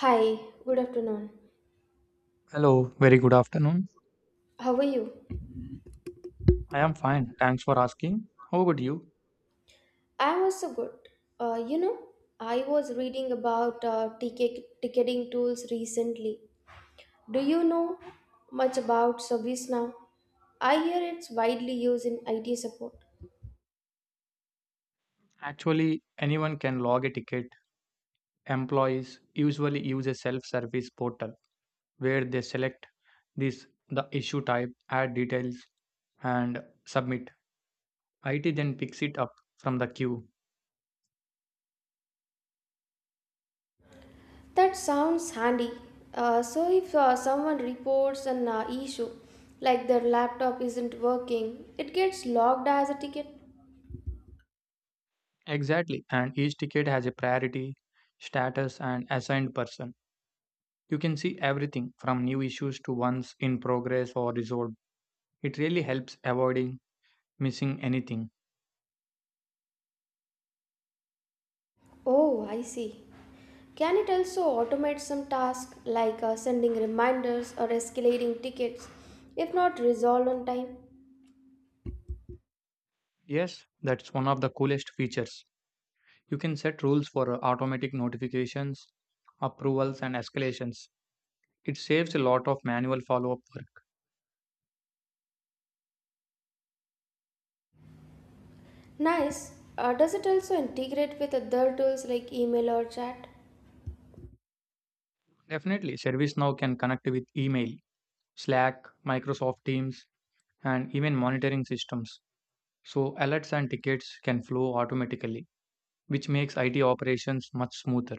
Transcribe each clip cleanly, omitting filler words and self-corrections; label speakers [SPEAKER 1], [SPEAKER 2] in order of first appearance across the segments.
[SPEAKER 1] Hi, good afternoon.
[SPEAKER 2] Hello, very good afternoon.
[SPEAKER 1] How are you?
[SPEAKER 2] I am fine. Thanks for asking. How about you?
[SPEAKER 1] I'm also good. Uh, you know, I was reading about ticketing tools recently. Do you know much about ServiceNow? I hear it's widely used in IT support.
[SPEAKER 2] Actually, anyone can log a ticket. Employees usually use a self service portal where they select this the issue type, add details, and submit. IT then picks it up from the queue.
[SPEAKER 1] That sounds handy. So if someone reports an issue, like their laptop isn't working, it gets logged as a ticket.
[SPEAKER 2] Exactly. And each ticket has a priority, status, and assigned person. You can see everything from new issues to ones in progress or resolved. It really helps avoiding missing anything.
[SPEAKER 1] Oh, I see. Can it also automate some tasks like sending reminders or escalating tickets if not resolved on time?
[SPEAKER 2] Yes, that's one of the coolest features. You can set rules for automatic notifications, approvals, and escalations. It saves a lot of manual follow up work.
[SPEAKER 1] Nice. Does it also integrate with other tools like email or chat?
[SPEAKER 2] Definitely, ServiceNow can connect with email, Slack, Microsoft Teams, and even monitoring systems. So, alerts and tickets can flow automatically, which makes IT operations much smoother.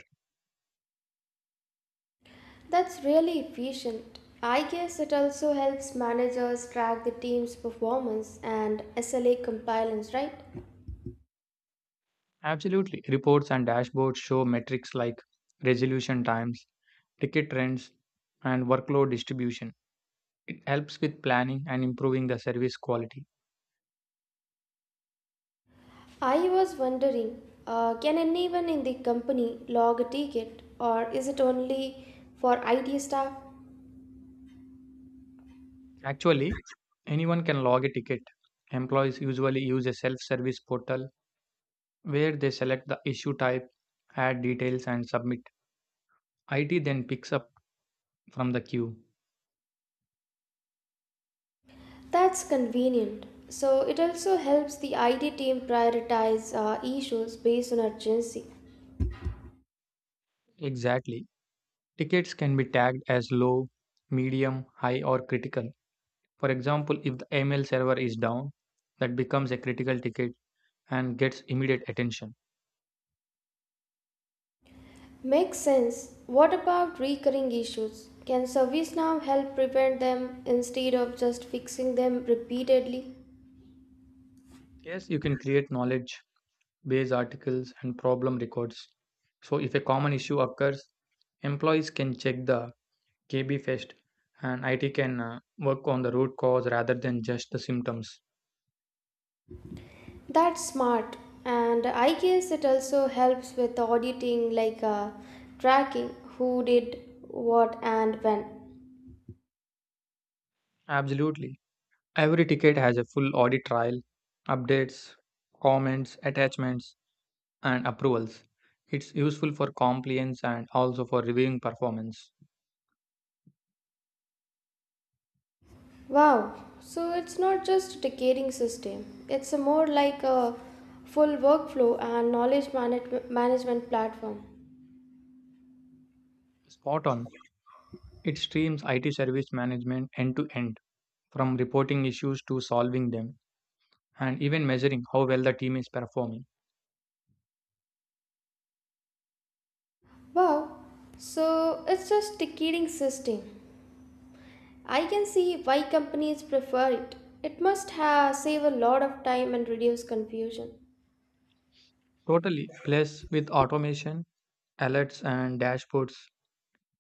[SPEAKER 1] That's really efficient. I guess it also helps managers track the team's performance and SLA compliance, right?
[SPEAKER 2] Absolutely, reports and dashboards show metrics like resolution times, ticket trends, and workload distribution. It helps with planning and improving the service quality.
[SPEAKER 1] I was wondering can anyone in the company log a ticket or is it only for IT staff?
[SPEAKER 2] Actually, anyone can log a ticket. Employees usually use a self service portal where they select the issue type, add details, and submit. IT then picks up from the queue.
[SPEAKER 1] That's convenient. So it also helps the IT team prioritize issues based on urgency.
[SPEAKER 2] Exactly. Tickets can be tagged as low, medium, high, or critical. For example, if the email server is down, that becomes a critical ticket and gets immediate attention.
[SPEAKER 1] Makes sense. What about recurring issues? Can ServiceNow help prevent them instead of just fixing them repeatedly?
[SPEAKER 2] Yes, you can create knowledge base articles and problem records. So if a common issue occurs, employees can check the KB Fest and IT can work on the root cause rather than just the symptoms.
[SPEAKER 1] That's smart. And I guess it also helps with auditing like tracking who did what and when.
[SPEAKER 2] Absolutely. Every ticket has a full audit trail, updates, comments, attachments, and approvals. It's useful for compliance and also for reviewing performance.
[SPEAKER 1] Wow, so it's not just a ticketing system, it's a more like a full workflow and management platform.
[SPEAKER 2] Spot on. It streams IT service management end to end, from reporting issues to solving them, and even measuring how well the team is performing.
[SPEAKER 1] Wow, so it's just ticketing system. I can see why companies prefer it. It must have save a lot of time and reduce confusion.
[SPEAKER 2] Totally. Plus, with automation, alerts, and dashboards,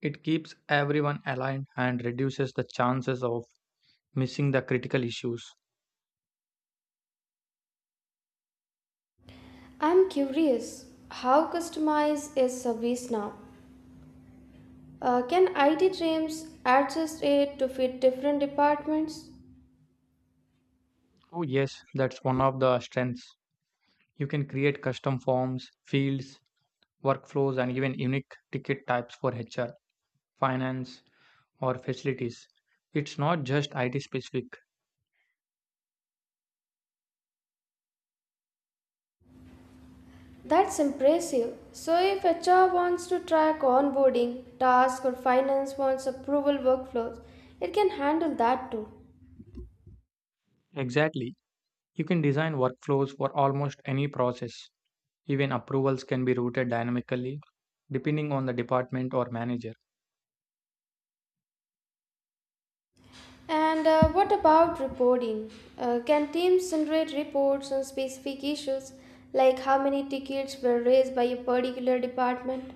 [SPEAKER 2] it keeps everyone aligned and reduces the chances of missing the critical issues.
[SPEAKER 1] I'm curious, how customized is service now? Can IT teams adjust it to fit different departments?
[SPEAKER 2] Oh, yes, that's one of the strengths. You can create custom forms, fields, workflows, and even unique ticket types for HR, finance, or facilities. It's not just IT specific.
[SPEAKER 1] That's impressive. So, if HR wants to track onboarding, tasks, or finance wants approval workflows, it can handle that too.
[SPEAKER 2] Exactly. You can design workflows for almost any process. Even approvals can be routed dynamically depending on the department or manager.
[SPEAKER 1] And what about reporting? Can teams generate reports on specific issues like how many tickets were raised by a particular department?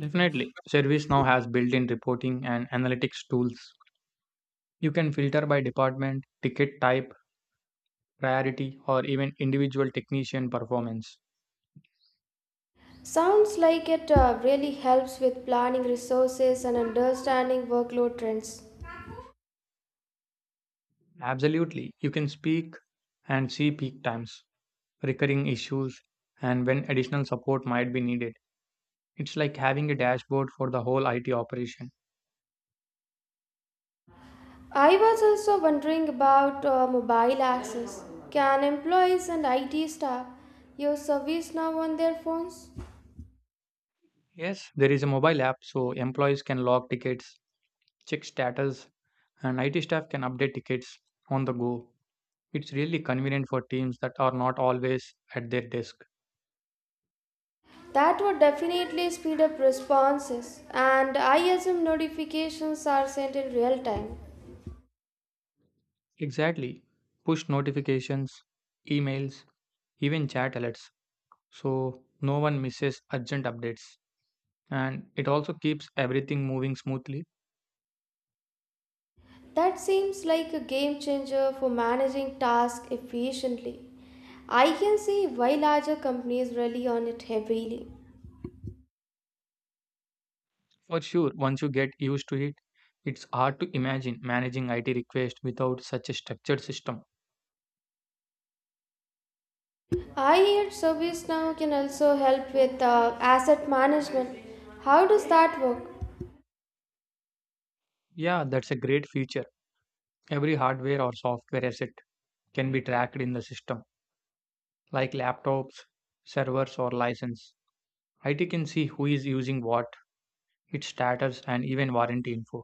[SPEAKER 2] Definitely, ServiceNow has built in reporting and analytics tools. You can filter by department, ticket type, priority, or even individual technician performance.
[SPEAKER 1] Sounds like it really helps with planning resources and understanding workload trends.
[SPEAKER 2] Absolutely, you can speak and see peak times, recurring issues, and when additional support might be needed. It's like having a dashboard for the whole IT operation.
[SPEAKER 1] I was also wondering about mobile access. Can employees and IT staff use service now on their phones?
[SPEAKER 2] Yes, there is a mobile app so employees can log tickets, check status, and IT staff can update tickets on the go. It's really convenient for teams that are not always at their desk.
[SPEAKER 1] That would definitely speed up responses, and I assume notifications are sent in real time.
[SPEAKER 2] Exactly. Push notifications, emails, even chat alerts so no one misses urgent updates. And it also keeps everything moving smoothly.
[SPEAKER 1] That seems like a game changer for managing tasks efficiently. I can see why larger companies rely on it heavily.
[SPEAKER 2] For sure, once you get used to it, it's hard to imagine managing IT requests without such a structured system.
[SPEAKER 1] I heard ServiceNow can also help with asset management. How does that work?
[SPEAKER 2] Yeah, that's a great feature. Every hardware or software asset can be tracked in the system like laptops, servers, or license. IT can see who is using what, its status, and even warranty info.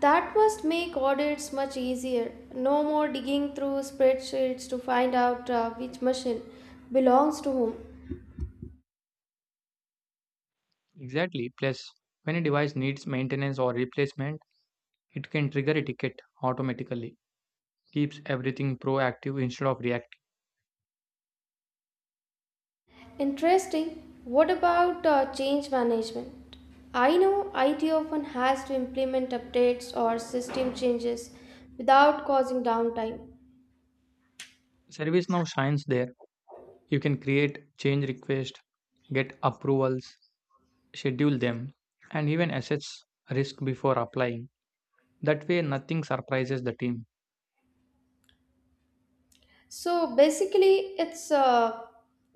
[SPEAKER 1] That must make audits much easier. No more digging through spreadsheets to find out which machine belongs to whom.
[SPEAKER 2] Exactly. Plus, when a device needs maintenance or replacement, it can trigger a ticket automatically. Keeps everything proactive instead of reactive.
[SPEAKER 1] Interesting. What about change management? I know IT often has to implement updates or system changes without causing downtime.
[SPEAKER 2] ServiceNow shines there. You can create change requests, get approvals, schedule them, and even assess risk before applying. That way, nothing surprises the team.
[SPEAKER 1] So basically, it's uh,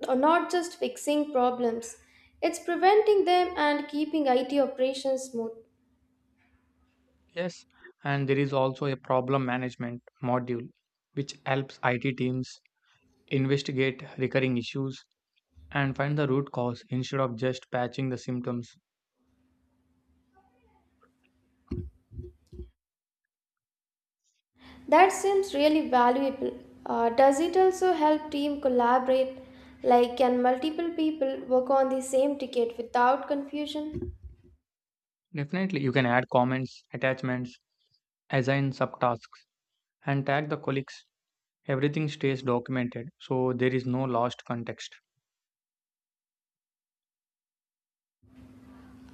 [SPEAKER 1] uh, not just fixing problems, it's preventing them and keeping IT operations smooth.
[SPEAKER 2] Yes, and there is also a problem management module which helps IT teams investigate recurring issues and find the root cause instead of just patching the symptoms.
[SPEAKER 1] That seems really valuable. Does it also help team collaborate? Like, can multiple people work on the same ticket without confusion?
[SPEAKER 2] Definitely, you can add comments, attachments, assign subtasks, and tag the colleagues. Everything stays documented, so there is no lost context.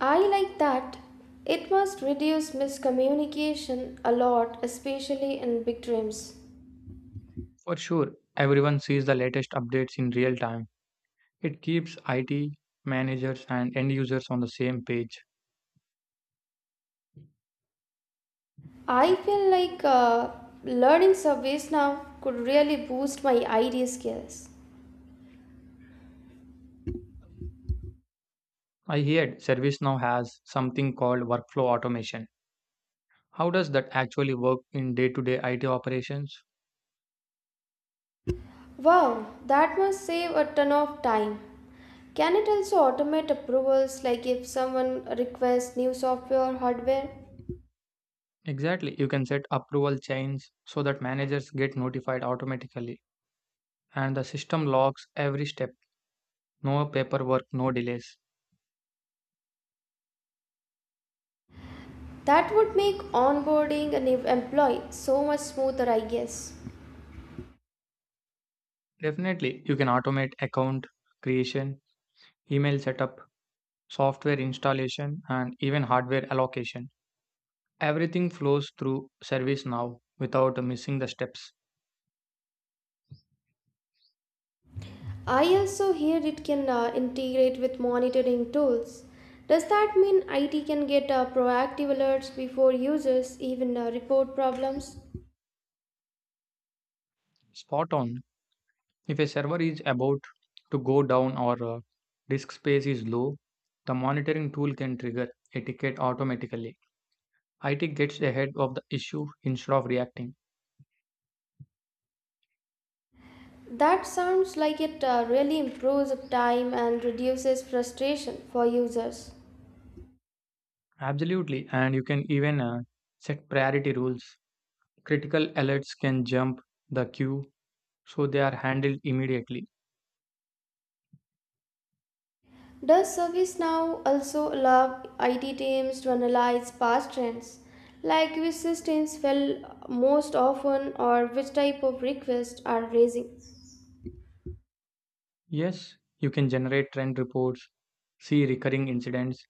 [SPEAKER 1] I like that. It must reduce miscommunication a lot, especially in big dreams.
[SPEAKER 2] For sure, everyone sees the latest updates in real time. It keeps IT managers and end users on the same page.
[SPEAKER 1] I feel like learning surveys now could really boost my idea skills.
[SPEAKER 2] I heard ServiceNow has something called workflow automation. How does that actually work in day to day IT operations?
[SPEAKER 1] Wow, that must save a ton of time. Can it also automate approvals like if someone requests new software or hardware?
[SPEAKER 2] Exactly, you can set approval chains so that managers get notified automatically and the system logs every step. No paperwork, no delays.
[SPEAKER 1] That would make onboarding a new employee so much smoother, I guess.
[SPEAKER 2] Definitely, you can automate account creation, email setup, software installation, and even hardware allocation. Everything flows through ServiceNow without missing the steps.
[SPEAKER 1] I also hear it can integrate with monitoring tools. Does that mean IT can get proactive alerts before users even report problems?
[SPEAKER 2] Spot on. If a server is about to go down or disk space is low, the monitoring tool can trigger a ticket automatically. IT gets ahead of the issue instead of reacting.
[SPEAKER 1] That sounds like it really improves time and reduces frustration for users.
[SPEAKER 2] Absolutely, and you can even set priority rules. Critical alerts can jump the queue so they are handled immediately.
[SPEAKER 1] Does ServiceNow also allow IT teams to analyze past trends, like which systems fail most often or which type of requests are raising?
[SPEAKER 2] Yes, you can generate trend reports, see recurring incidents,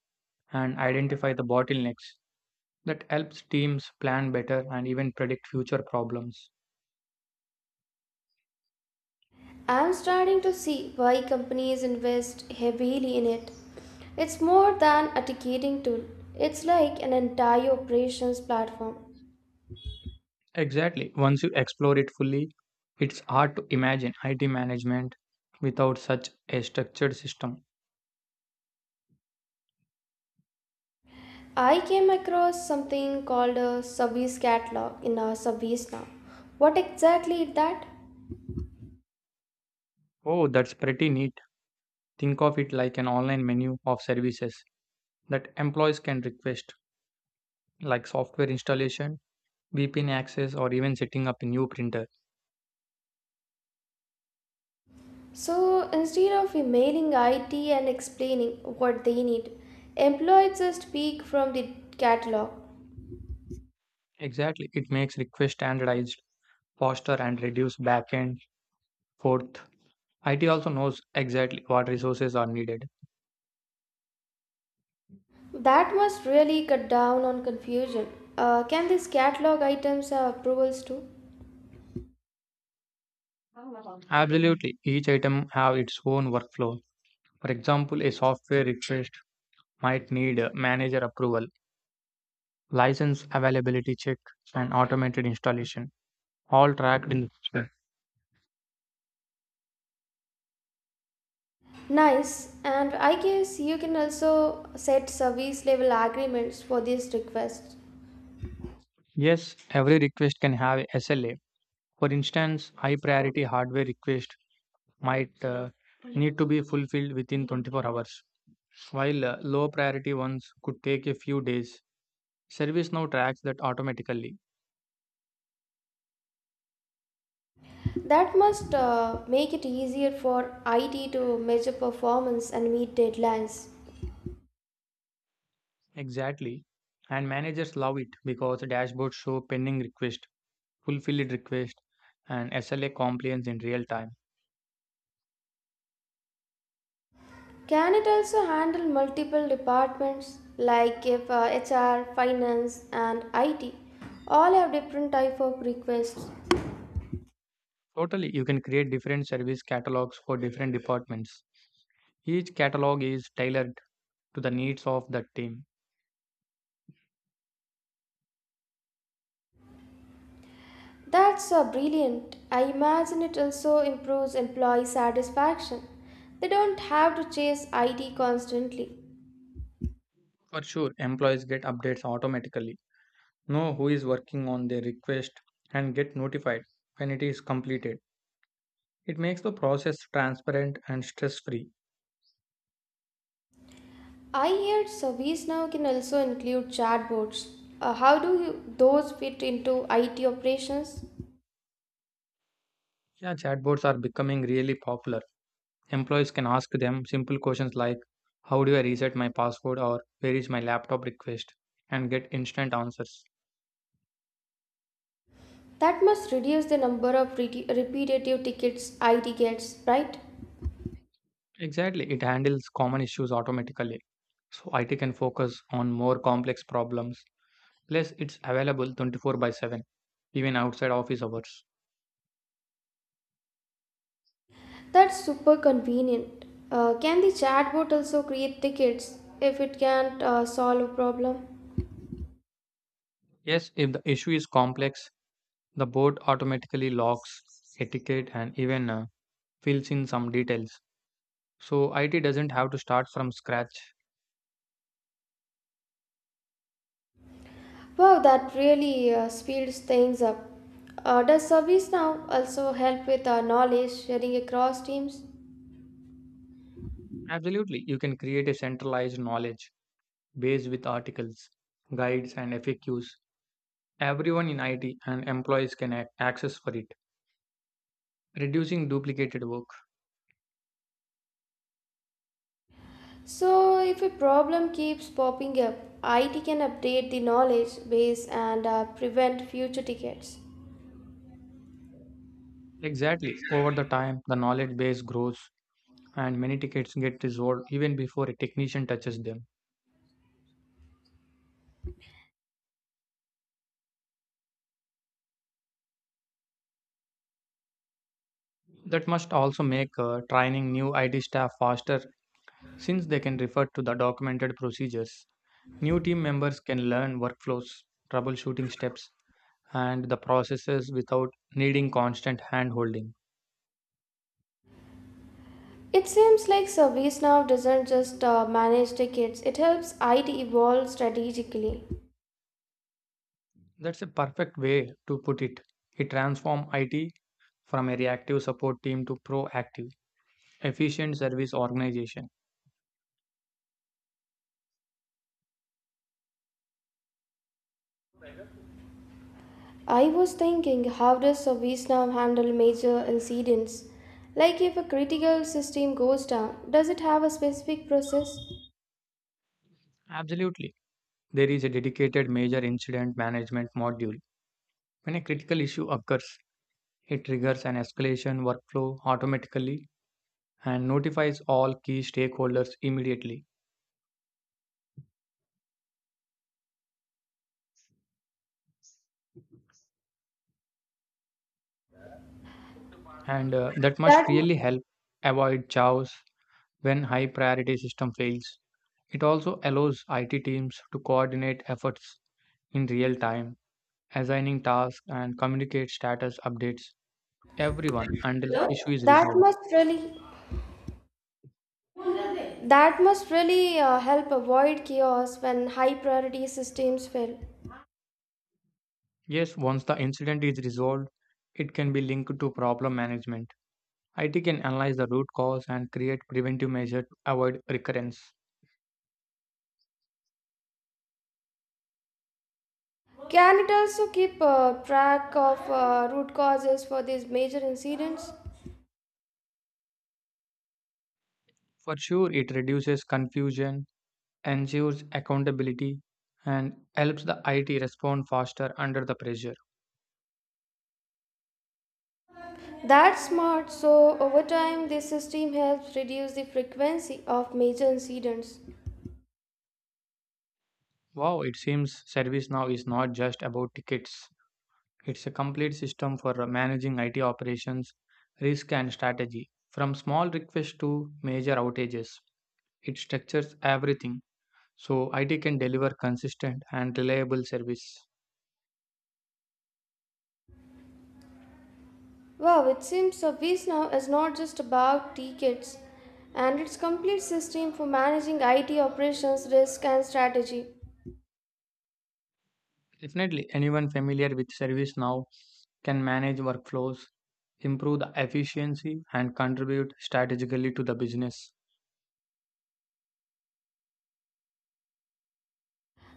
[SPEAKER 2] and identify the bottlenecks. That helps teams plan better and even predict future problems.
[SPEAKER 1] I'm starting to see why companies invest heavily in it. It's more than a ticketing tool, it's like an entire operations platform.
[SPEAKER 2] Exactly. Once you explore it fully, it's hard to imagine IT management without such a structured system.
[SPEAKER 1] I came across something called a service catalog in our ServiceNow. What exactly is that?
[SPEAKER 2] Oh, that's pretty neat. Think of it like an online menu of services that employees can request, like software installation, VPN access, or even setting up a new printer.
[SPEAKER 1] So instead of emailing IT and explaining what they need, employees just pick from the catalog.
[SPEAKER 2] Exactly. It makes requests standardized, faster, and reduce back and forth. IT also knows exactly what resources are needed.
[SPEAKER 1] That must really cut down on confusion. Can these catalog items have approvals too?
[SPEAKER 2] Absolutely. Each item have its own workflow. For example, a software request might need a manager approval, license availability check, and automated installation, all tracked in the system.
[SPEAKER 1] Nice, and I guess you can also set service level agreements for these requests.
[SPEAKER 2] Yes, every request can have a SLA. For instance, high priority hardware request might need to be fulfilled within 24 hours, while low priority ones could take a few days. ServiceNow tracks that automatically.
[SPEAKER 1] That must make it easier for IT to measure performance and meet deadlines.
[SPEAKER 2] Exactly. And managers love it because dashboards show pending requests, fulfilled request, and SLA compliance in real time.
[SPEAKER 1] Can it also handle multiple departments like if HR, finance and IT all have different type of requests?
[SPEAKER 2] Totally, you can create different service catalogs for different departments. Each catalog is tailored to the needs of the team.
[SPEAKER 1] That's brilliant. I imagine it also improves employee satisfaction. They don't have to chase IT constantly.
[SPEAKER 2] For sure, employees get updates automatically, know who is working on their request, and get notified when it is completed. It makes the process transparent and stress free.
[SPEAKER 1] I heard service now can also include chatbots. How do you, those fit into IT operations?
[SPEAKER 2] Yeah, chatbots are becoming really popular. Employees can ask them simple questions like, "How do I reset my password?" or "Where is my laptop request?" and get instant answers.
[SPEAKER 1] That must reduce the number of repetitive tickets IT gets, right?
[SPEAKER 2] Exactly, it handles common issues automatically. So IT can focus on more complex problems. Plus, it's available 24 by 7, even outside office hours.
[SPEAKER 1] That's super convenient. Can the chatbot also create tickets if it can't solve a problem?
[SPEAKER 2] Yes, if the issue is complex, the board automatically logs etiquette and even fills in some details. So IT doesn't have to start from scratch.
[SPEAKER 1] Wow, that really speeds things up. Does ServiceNow also help with knowledge sharing across teams?
[SPEAKER 2] Absolutely, you can create a centralized knowledge based with articles, guides, and FAQs. Everyone in IT and employees can access for it, reducing duplicated work.
[SPEAKER 1] So, if a problem keeps popping up, IT can update the knowledge base and prevent future tickets.
[SPEAKER 2] Exactly. Over the time, the knowledge base grows and many tickets get resolved even before a technician touches them. That must also make training new IT staff faster since they can refer to the documented procedures. New team members can learn workflows, troubleshooting steps, and the processes without needing constant hand holding.
[SPEAKER 1] It seems like ServiceNow doesn't just manage tickets, it helps IT evolve strategically.
[SPEAKER 2] That's a perfect way to put it. It transformed IT from a reactive support team to proactive, efficient service organization.
[SPEAKER 1] I was thinking, how does a VSNAV handle major incidents? Like if a critical system goes down, does it have a specific process?
[SPEAKER 2] Absolutely. There is a dedicated major incident management module. When a critical issue occurs, it triggers an escalation workflow automatically and notifies all key stakeholders immediately. And that
[SPEAKER 1] That
[SPEAKER 2] must really help avoid chaos when high priority system fails. It also allows IT teams to coordinate efforts in real time, assigning tasks, and communicate status updates everyone until the issue is
[SPEAKER 1] that
[SPEAKER 2] resolved.
[SPEAKER 1] must really that must really help avoid chaos when high priority systems fail.
[SPEAKER 2] Yes, once the incident is resolved, it can be linked to problem management. IT can analyze the root cause and create preventive measures to avoid recurrence.
[SPEAKER 1] Can it also keep track of root causes for these major incidents?
[SPEAKER 2] For sure, it reduces confusion, ensures accountability, and helps the IT respond faster under the pressure.
[SPEAKER 1] That's smart. So over time, this system helps reduce the frequency of major incidents.
[SPEAKER 2] Wow, it seems ServiceNow is not just about tickets. It's a complete system for managing IT operations, risk, and strategy. From small requests to major outages, it structures everything so IT can deliver consistent and reliable service.
[SPEAKER 1] Wow, it seems Service is not just about tickets and its complete system for managing IT operations, risk, and strategy.
[SPEAKER 2] Definitely, anyone familiar with ServiceNow can manage workflows, improve the efficiency, and contribute strategically to the business.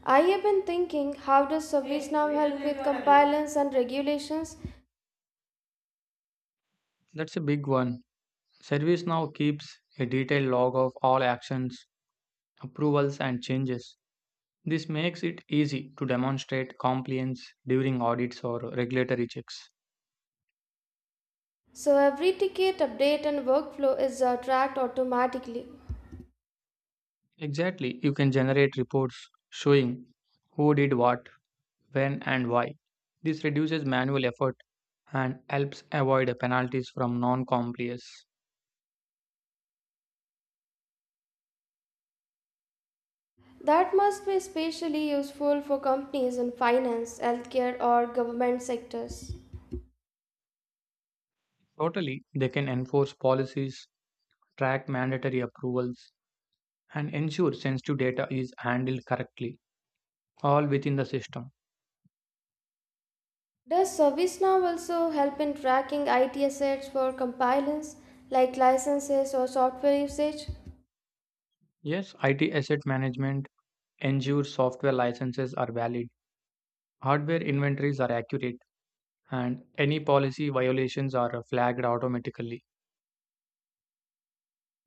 [SPEAKER 1] I have been thinking how does ServiceNow help with compliance and regulations?
[SPEAKER 2] That's a big one. ServiceNow keeps a detailed log of all actions, approvals, and changes. This makes it easy to demonstrate compliance during audits or regulatory checks.
[SPEAKER 1] So every ticket update and workflow is tracked automatically.
[SPEAKER 2] Exactly, you can generate reports showing who did what, when, and why. This reduces manual effort and helps avoid penalties from non compliers.
[SPEAKER 1] That must be especially useful for companies in finance, healthcare, or government sectors.
[SPEAKER 2] Totally, they can enforce policies, track mandatory approvals, and ensure sensitive data is handled correctly, all within the system.
[SPEAKER 1] Does ServiceNow also help in tracking IT assets for compliance, like licenses or software usage?
[SPEAKER 2] Yes, IT asset management ensures software licenses are valid, hardware inventories are accurate, and any policy violations are flagged automatically.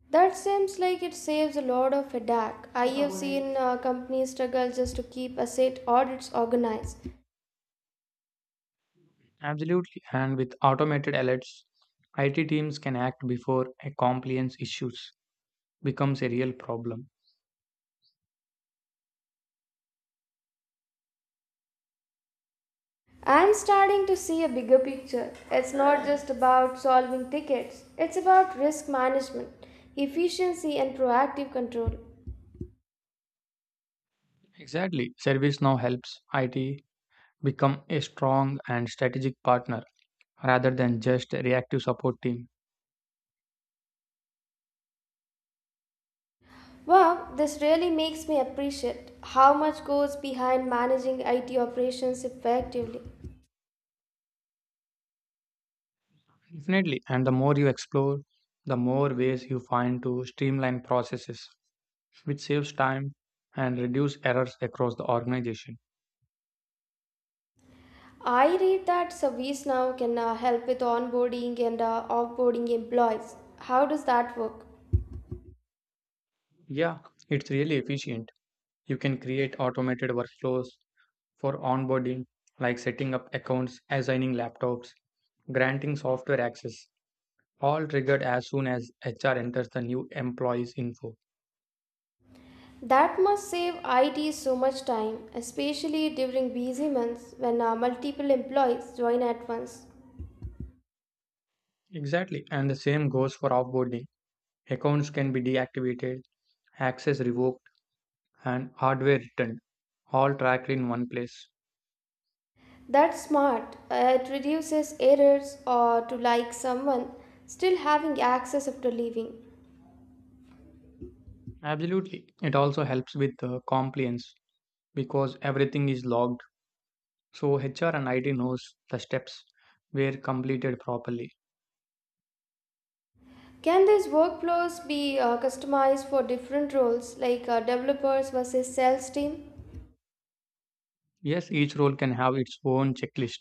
[SPEAKER 1] That seems like it saves a lot of headache. I have seen companies struggle just to keep asset audits organized.
[SPEAKER 2] Absolutely. And with automated alerts, IT teams can act before a compliance issues becomes a real problem.
[SPEAKER 1] I'm starting to see a bigger picture. It's not just about solving tickets, it's about risk management, efficiency, and proactive control.
[SPEAKER 2] Exactly. ServiceNow helps IT become a strong and strategic partner rather than just a reactive support team.
[SPEAKER 1] Wow, this really makes me appreciate how much goes behind managing IT operations effectively.
[SPEAKER 2] Definitely. And the more you explore, the more ways you find to streamline processes, which saves time and reduce errors across the organization.
[SPEAKER 1] I read that ServiceNow can help with onboarding and offboarding employees. How does that work?
[SPEAKER 2] Yeah, it's really efficient. You can create automated workflows for onboarding, like setting up accounts, assigning laptops, granting software access, all triggered as soon as HR enters the new employee's info.
[SPEAKER 1] That must save IT so much time, especially during busy months when multiple employees join at once.
[SPEAKER 2] Exactly, and the same goes for offboarding. Accounts can be deactivated, access revoked, and hardware returned, all tracked in one place.
[SPEAKER 1] That's smart. It reduces errors or to like someone still having access after leaving.
[SPEAKER 2] Absolutely. It also helps with the compliance because everything is logged, so HR and IT knows the steps were completed properly.
[SPEAKER 1] Can these workflows be customized for different roles like developers versus sales team?
[SPEAKER 2] Yes, each role can have its own checklist.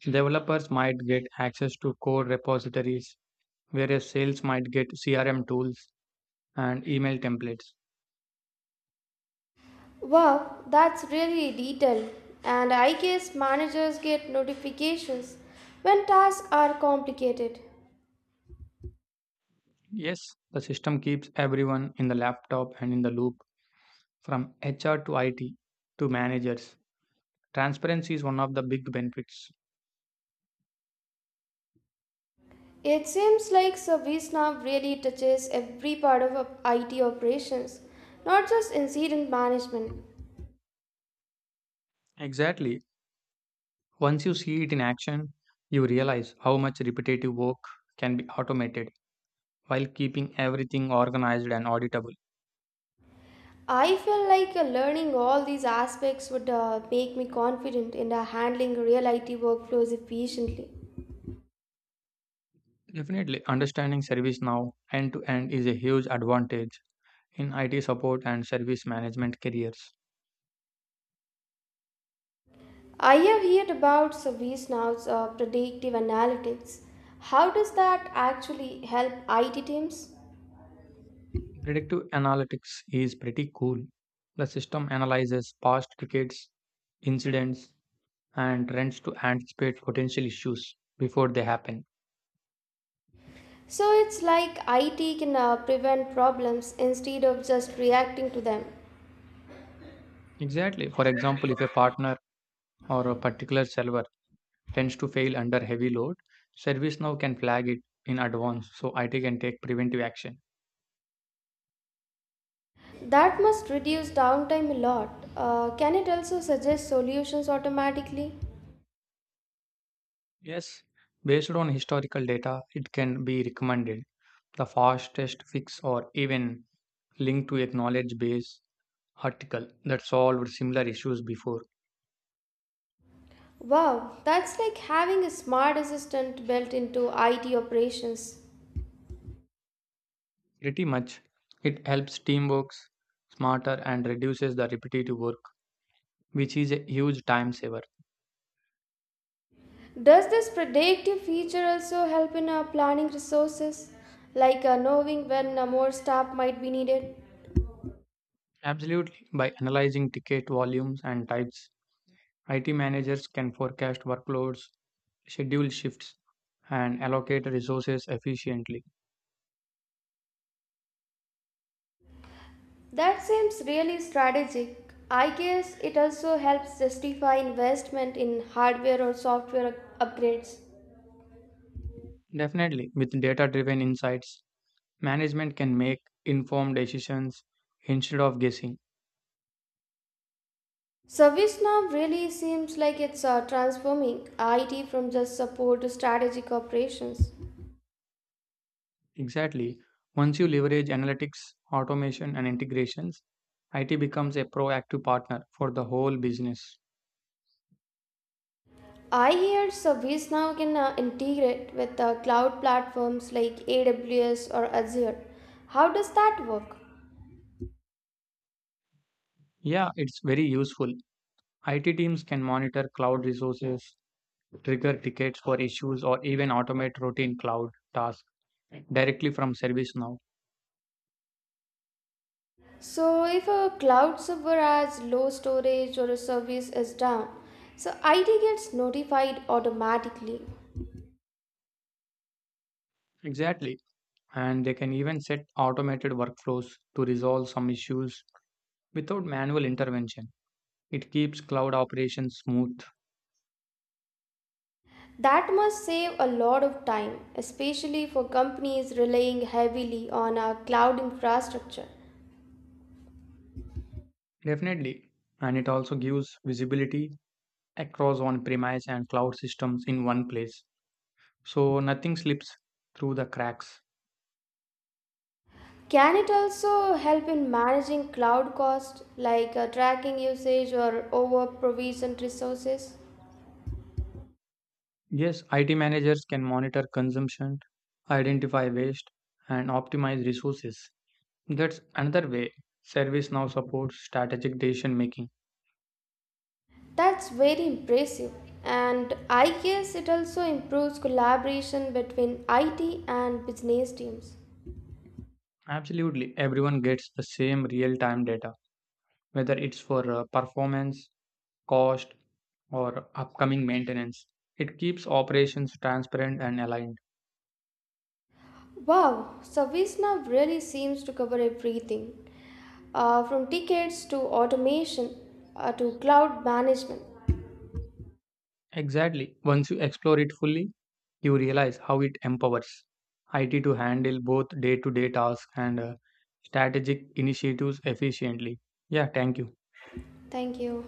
[SPEAKER 2] Developers might get access to code repositories, whereas sales might get CRM tools and email templates.
[SPEAKER 1] Wow, that's really detailed. And I guess managers get notifications when tasks are complicated.
[SPEAKER 2] Yes, the system keeps everyone in the laptop and in the loop from HR to IT to managers. Transparency is one of the big benefits.
[SPEAKER 1] It seems like ServiceNow really touches every part of IT operations, not just incident management.
[SPEAKER 2] Exactly. Once you see it in action, you realize how much repetitive work can be automated, while keeping everything organized and auditable.
[SPEAKER 1] I feel like learning all these aspects would make me confident in handling real IT workflows efficiently.
[SPEAKER 2] Definitely, understanding service now end to end is a huge advantage in IT support and service management careers.
[SPEAKER 1] I have heard about service nows predictive analytics. How does that actually help IT teams?
[SPEAKER 2] Predictive analytics is pretty cool. The system analyzes past tickets, incidents, and trends to anticipate potential issues before they happen.
[SPEAKER 1] So it's like IT can prevent problems instead of just reacting to them.
[SPEAKER 2] Exactly. For example, if a partner or a particular server tends to fail under heavy load, ServiceNow can flag it in advance so IT can take preventive action.
[SPEAKER 1] That must reduce downtime a lot. Can it also suggest solutions automatically?
[SPEAKER 2] Yes, based on historical data, it can be recommended. The fastest fix or even link to a knowledge base article that solved similar issues before.
[SPEAKER 1] Wow, that's like having a smart assistant built into IT operations.
[SPEAKER 2] Pretty much, it helps team works smarter and reduces the repetitive work, which is a huge time saver.
[SPEAKER 1] Does this predictive feature also help in planning resources, like knowing when more staff might be needed?
[SPEAKER 2] Absolutely. By analyzing ticket volumes and types, IT managers can forecast workloads, schedule shifts, and allocate resources efficiently.
[SPEAKER 1] That seems really strategic. I guess it also helps justify investment in hardware or upgrades.
[SPEAKER 2] Definitely, with data driven insights, management can make informed decisions instead of guessing.
[SPEAKER 1] ServiceNow really seems like it's transforming IT from just support to strategic operations.
[SPEAKER 2] Exactly. Once you leverage analytics, automation, and integrations, IT becomes a proactive partner for the whole business.
[SPEAKER 1] I hear ServiceNow can integrate with cloud platforms like AWS or Azure. How does that work?
[SPEAKER 2] Yeah, it's very useful. IT teams can monitor cloud resources, trigger tickets for issues, or even automate routine cloud tasks directly from ServiceNow.
[SPEAKER 1] So, if a cloud server has low storage or a service is down, so IT gets notified automatically.
[SPEAKER 2] Exactly. And they can even set automated workflows to resolve some issues without manual intervention. It keeps cloud operations smooth,
[SPEAKER 1] That must save a lot of time, especially for companies relying heavily on a cloud infrastructure.
[SPEAKER 2] definitely, and it also gives visibility across on premise and cloud systems in one place. So nothing slips through the cracks.
[SPEAKER 1] Can it also help in managing cloud costs like tracking usage or over provisioned resources?
[SPEAKER 2] Yes, IT managers can monitor consumption, identify waste, and optimize resources. That's another way service now supports strategic decision making.
[SPEAKER 1] That's very impressive. And I guess it also improves collaboration between IT and business teams.
[SPEAKER 2] Absolutely, everyone gets the same real time data, whether it's for performance cost, or upcoming maintenance. It keeps operations transparent and aligned.
[SPEAKER 1] Wow, ServiceNow really seems to cover everything from tickets to automation to cloud management.
[SPEAKER 2] Exactly. Once you explore it fully, you realize how it empowers IT to handle both day to day tasks and strategic initiatives efficiently. Yeah, thank you.
[SPEAKER 1] Thank you.